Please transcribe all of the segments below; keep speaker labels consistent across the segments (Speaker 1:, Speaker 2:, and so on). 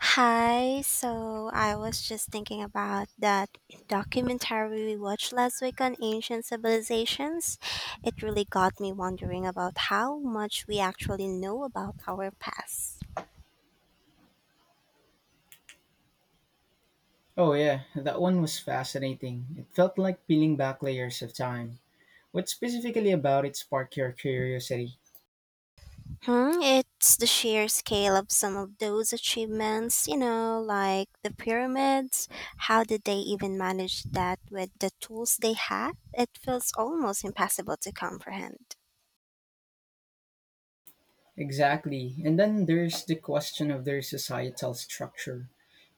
Speaker 1: Hi, so I was just thinking about that documentary we watched last week on ancient civilizations. It really got me wondering about how much we actually know about our past.
Speaker 2: Oh, yeah, that one was fascinating. It felt like peeling back layers of time. What specifically about it sparked your curiosity?
Speaker 1: It's the sheer scale of some of those achievements, like the pyramids. How did they even manage that with the tools they had? It feels almost impossible to comprehend.
Speaker 2: Exactly. And then there's the question of their societal structure.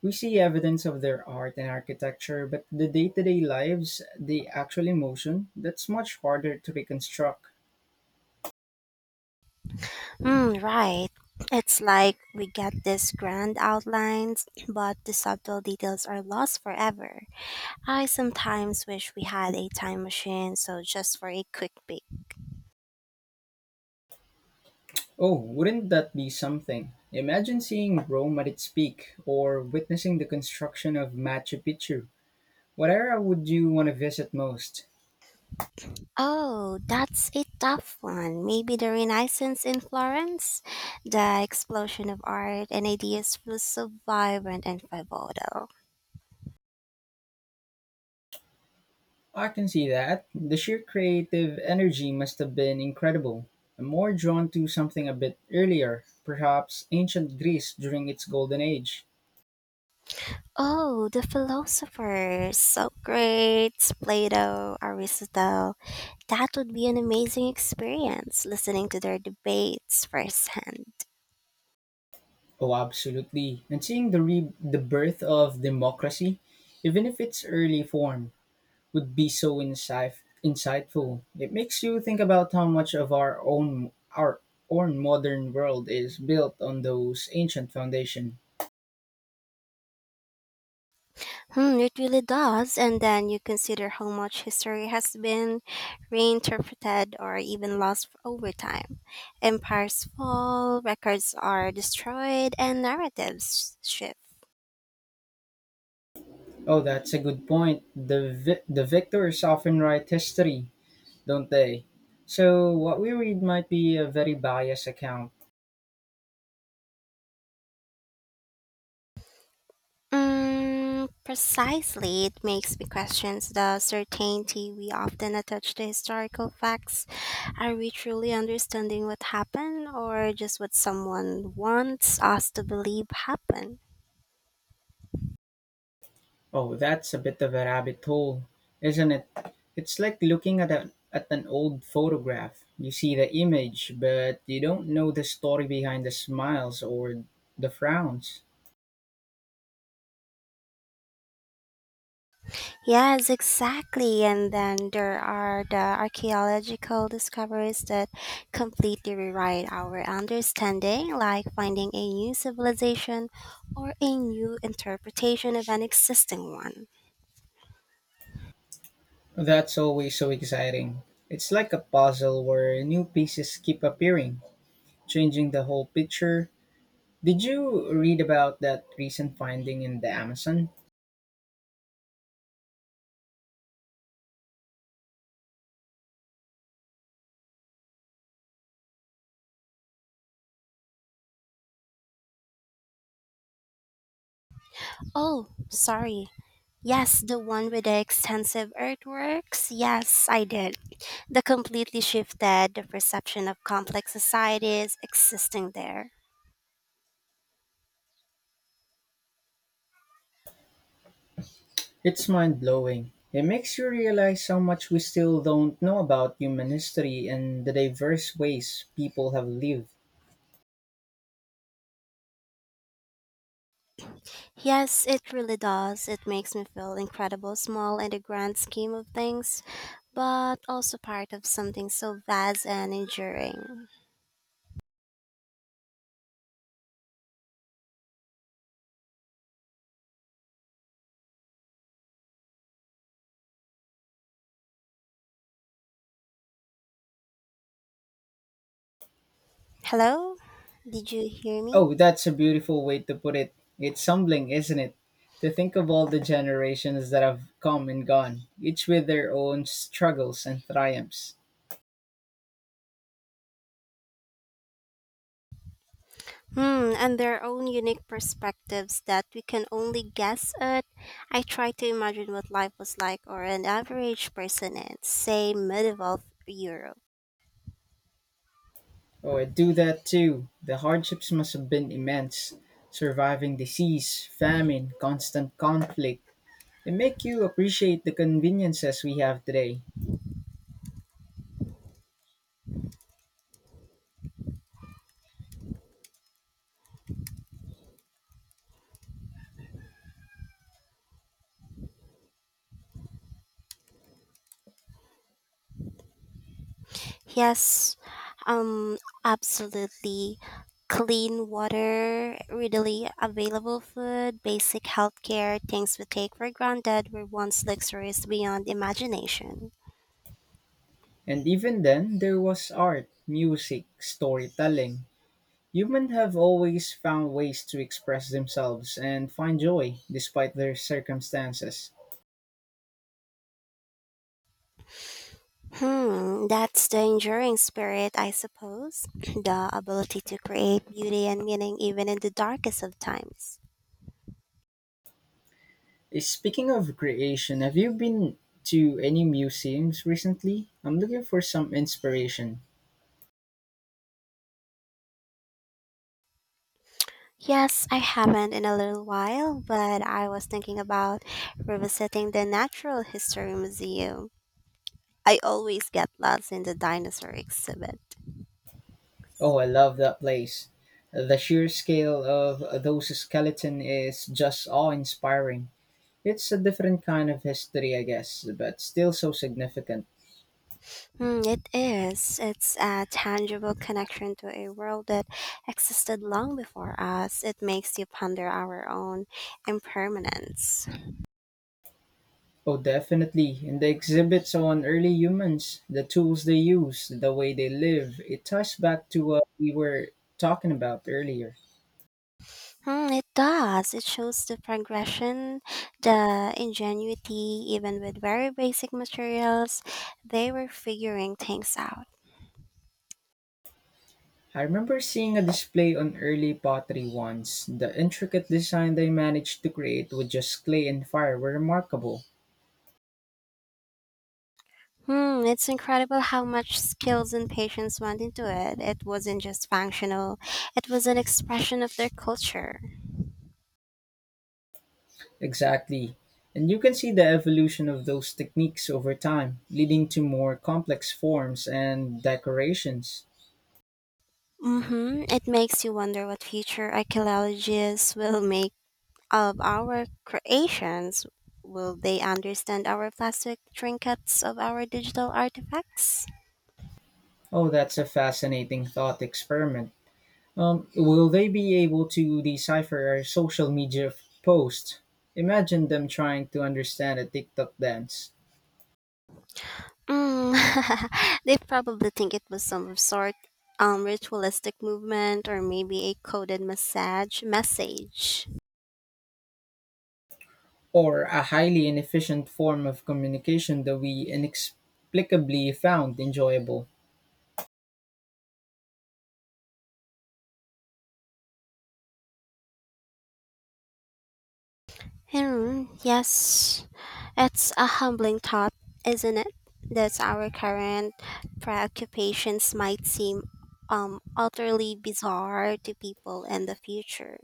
Speaker 2: We see evidence of their art and architecture, but the day to day lives, the actual emotion, that's much harder to reconstruct.
Speaker 1: Mm, right. It's like we get these grand outlines, but the subtle details are lost forever. I sometimes wish we had a time machine, so just for a quick peek.
Speaker 2: Oh, wouldn't that be something? Imagine seeing Rome at its peak, or witnessing the construction of Machu Picchu. What era would you want to visit most?
Speaker 1: Oh, that's a tough one. Maybe the Renaissance in Florence? The explosion of art and ideas was so vibrant and pivotal.
Speaker 2: I can see that. The sheer creative energy must have been incredible. I'm more drawn to something a bit earlier, perhaps ancient Greece during its golden age.
Speaker 1: Oh, the philosophers, Socrates, Plato, Aristotle. That would be an amazing experience listening to their debates firsthand.
Speaker 2: Oh, absolutely. And seeing the birth of democracy, even if its early form, would be so insightful. It makes you think about how much of our own modern world is built on those ancient foundation.
Speaker 1: It really does. And then you consider how much history has been reinterpreted or even lost over time. Empires fall, records are destroyed, and narratives shift.
Speaker 2: Oh, that's a good point. The victors often write history, don't they? So what we read might be a very biased account.
Speaker 1: Precisely, it makes me question the certainty we often attach to historical facts. Are we truly understanding what happened, or just what someone wants us to believe happened?
Speaker 2: Oh, that's a bit of a rabbit hole, isn't it? It's like looking at a at an old photograph. You see the image, but you don't know the story behind the smiles or the frowns.
Speaker 1: Yes, exactly. And then there are the archaeological discoveries that completely rewrite our understanding, like finding a new civilization or a new interpretation of an existing one.
Speaker 2: That's always so exciting. It's like a puzzle where new pieces keep appearing, changing the whole picture. Did you read about that recent finding in the Amazon?
Speaker 1: Oh, sorry. Yes, the one with the extensive earthworks. Yes, I did. That completely shifted the perception of complex societies existing there.
Speaker 2: It's mind-blowing. It makes you realize how much we still don't know about human history and the diverse ways people have lived.
Speaker 1: Yes, it really does. It makes me feel incredible small in the grand scheme of things, but also part of something so vast and enduring. Hello? Did you hear me?
Speaker 2: Oh, that's a beautiful way to put it. It's humbling, isn't it? To think of all the generations that have come and gone, each with their own struggles and triumphs.
Speaker 1: And their own unique perspectives that we can only guess at. I try to imagine what life was like or an average person in, say, medieval Europe.
Speaker 2: Oh, I do that too. The hardships must have been immense. Surviving disease, famine, constant conflict. They make you appreciate the conveniences we have today.
Speaker 1: Yes, um, absolutely. Clean water, readily available food, basic healthcare, things we take for granted were once luxuries beyond imagination.
Speaker 2: And even then, there was art, music, storytelling. Humans have always found ways to express themselves and find joy despite their circumstances.
Speaker 1: That's the enduring spirit, I suppose. The ability to create beauty and meaning even in the darkest of times.
Speaker 2: Speaking of creation, have you been to any museums recently? I'm looking for some inspiration.
Speaker 1: Yes, I haven't in a little while, but I was thinking about revisiting the Natural History Museum. I always get lost in the dinosaur exhibit.
Speaker 2: Oh, I love that place. The sheer scale of those skeleton is just awe inspiring. It's a different kind of history, I guess, but still so significant.
Speaker 1: It is. It's a tangible connection to a world that existed long before us. It makes you ponder our own impermanence.
Speaker 2: Oh, definitely. In the exhibits on early humans, the tools they use, the way they live, it ties back to what we were talking about earlier.
Speaker 1: It does. It shows the progression, the ingenuity, even with very basic materials, they were figuring things out.
Speaker 2: I remember seeing a display on early pottery once. The intricate design they managed to create with just clay and fire were remarkable.
Speaker 1: It's incredible how much skills and patience went into it. It wasn't just functional, it was an expression of their culture.
Speaker 2: Exactly. And you can see the evolution of those techniques over time, leading to more complex forms and decorations.
Speaker 1: Mm-hmm. It makes you wonder what future archaeologists will make of our creations. Will they understand our plastic trinkets of our digital artifacts?
Speaker 2: Oh, that's a fascinating thought experiment. Will they be able to decipher our social posts? Imagine them trying to understand a TikTok dance
Speaker 1: Mm, they probably think it was some sort ritualistic movement or maybe a coded massage message.
Speaker 2: or a highly inefficient form of communication that we inexplicably found enjoyable.
Speaker 1: Yes, it's a humbling thought, isn't it? That our current preoccupations might seem utterly bizarre to people in the future.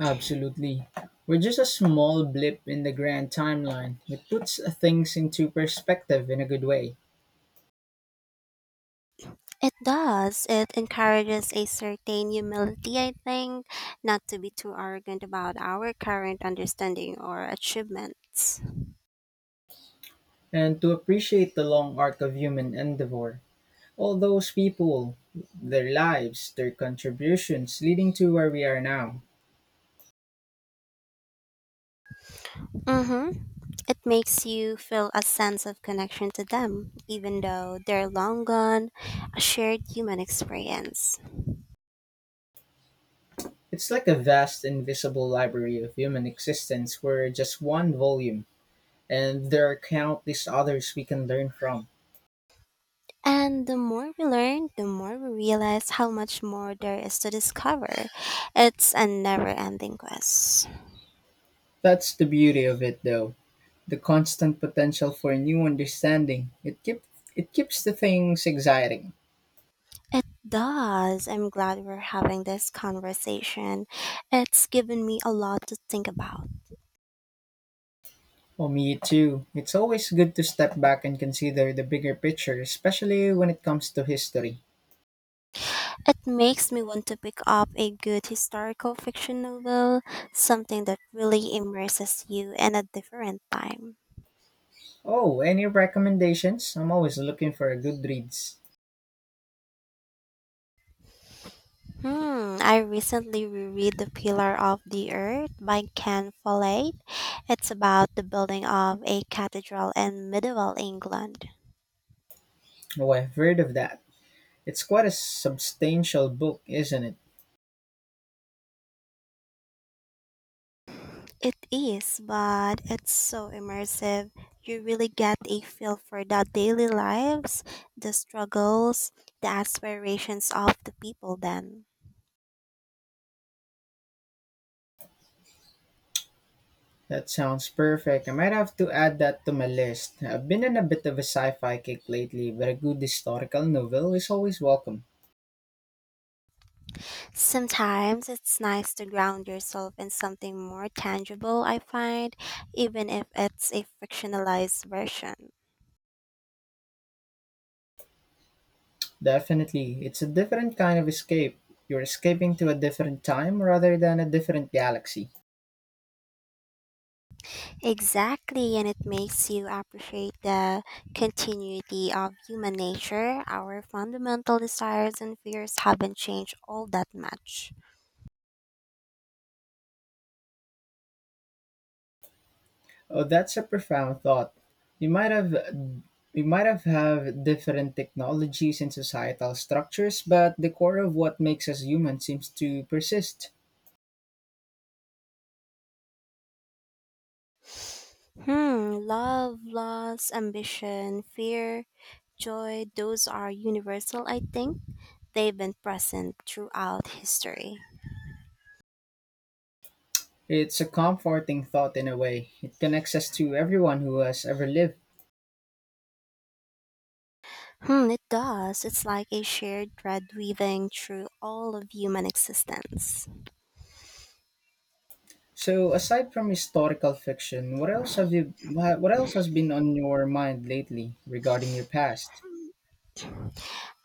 Speaker 2: Absolutely. We're just a small blip in the grand timeline that puts things into perspective in a good way
Speaker 1: It does. It encourages a certain humility, I think, not to be too arrogant about our current understanding or achievements.
Speaker 2: and to appreciate the long arc of human endeavor. All those people, their lives, their contributions leading to where we are now.
Speaker 1: Mm-hmm. It makes you feel a sense of connection to them, even though they're long gone, a shared human experience.
Speaker 2: It's like a vast, invisible library of human existence where just one volume, and there are countless others we can learn from.
Speaker 1: And the more we learn, the more we realize how much more there is to discover. It's a never ending quest.
Speaker 2: That's the beauty of it, though the constant potential for new understanding. It keeps the things exciting.
Speaker 1: It does. I'm glad we're having this conversation. It's given me a lot to think about.
Speaker 2: For me too. It's always good to step back and consider the bigger picture, especially when it comes to history.
Speaker 1: It makes me want to pick up a good historical fiction novel, something that really immerses you in a different time.
Speaker 2: Oh, any recommendations? I'm always looking for a Goodreads.
Speaker 1: I recently reread The Pillar of the Earth by Ken Follett. It's about the building of a cathedral in medieval England.
Speaker 2: Oh, I've heard of that. It's quite a substantial book, isn't it?
Speaker 1: It is, but it's so immersive. You really get a feel for the daily lives, the struggles, the aspirations of the people then.
Speaker 2: That sounds perfect. I might have to add that to my list. I've been in a bit of a sci-fi kick lately, but a good historical novel is always welcome.
Speaker 1: Sometimes it's nice to ground yourself in something more tangible, I find, even if it's a fictionalized version.
Speaker 2: Definitely. It's a different kind of escape. You're escaping to a different time rather than a different galaxy.
Speaker 1: Exactly, and it makes you appreciate the continuity of human nature. Our fundamental desires and fears haven't changed all that much.
Speaker 2: Oh, that's a profound thought. We might have we might have different technologies and societal structures, but the core of what makes us human seems to persist.
Speaker 1: Love, loss, ambition, fear, joy, those are universal, I think. They've been present throughout history.
Speaker 2: It's a comforting thought in a way. It connects us to everyone who has ever lived.
Speaker 1: It does. It's like a shared thread weaving through all of human existence.
Speaker 2: So, aside from historical fiction, what else has been on your mind lately regarding your past?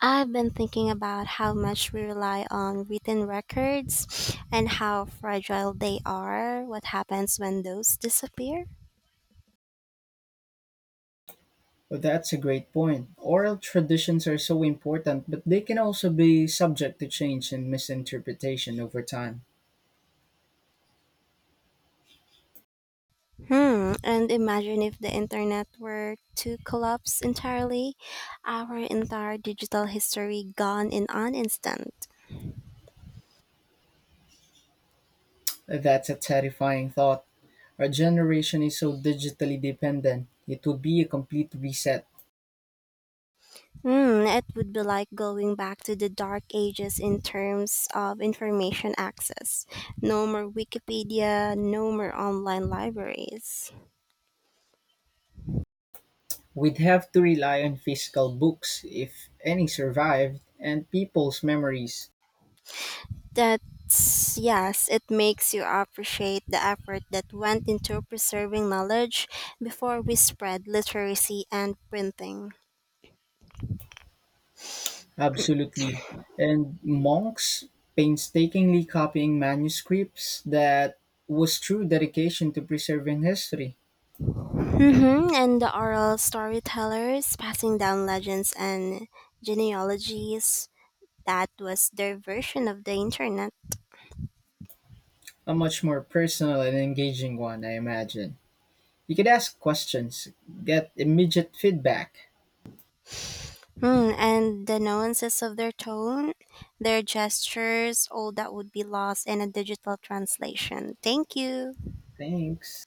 Speaker 1: I've been thinking about how much we rely on written records and how fragile they are, what happens when those disappear.
Speaker 2: Well, that's a great point. Oral traditions are so important, but they can also be subject to change and misinterpretation over time.
Speaker 1: And imagine if the internet were to collapse entirely, our entire digital history gone in an instant.
Speaker 2: That's a terrifying thought. Our generation is so digitally dependent; it would be a complete reset.
Speaker 1: It would be like going back to the dark ages in terms of information access. No more Wikipedia, no more online libraries.
Speaker 2: We'd have to rely on physical books, if any survived, and people's memories.
Speaker 1: That's, yes, it makes you appreciate the effort that went into preserving knowledge before we spread literacy and printing.
Speaker 2: Absolutely. And monks painstakingly copying manuscripts that was true dedication to preserving history.
Speaker 1: Mm-hmm. And the oral storytellers passing down legends and genealogies, that was their version of the internet.
Speaker 2: A much more personal and engaging one, I imagine. You could ask questions, get immediate feedback.
Speaker 1: And the nuances of their tone, their gestures, all that would be lost in a digital translation. Thank you.
Speaker 2: Thanks.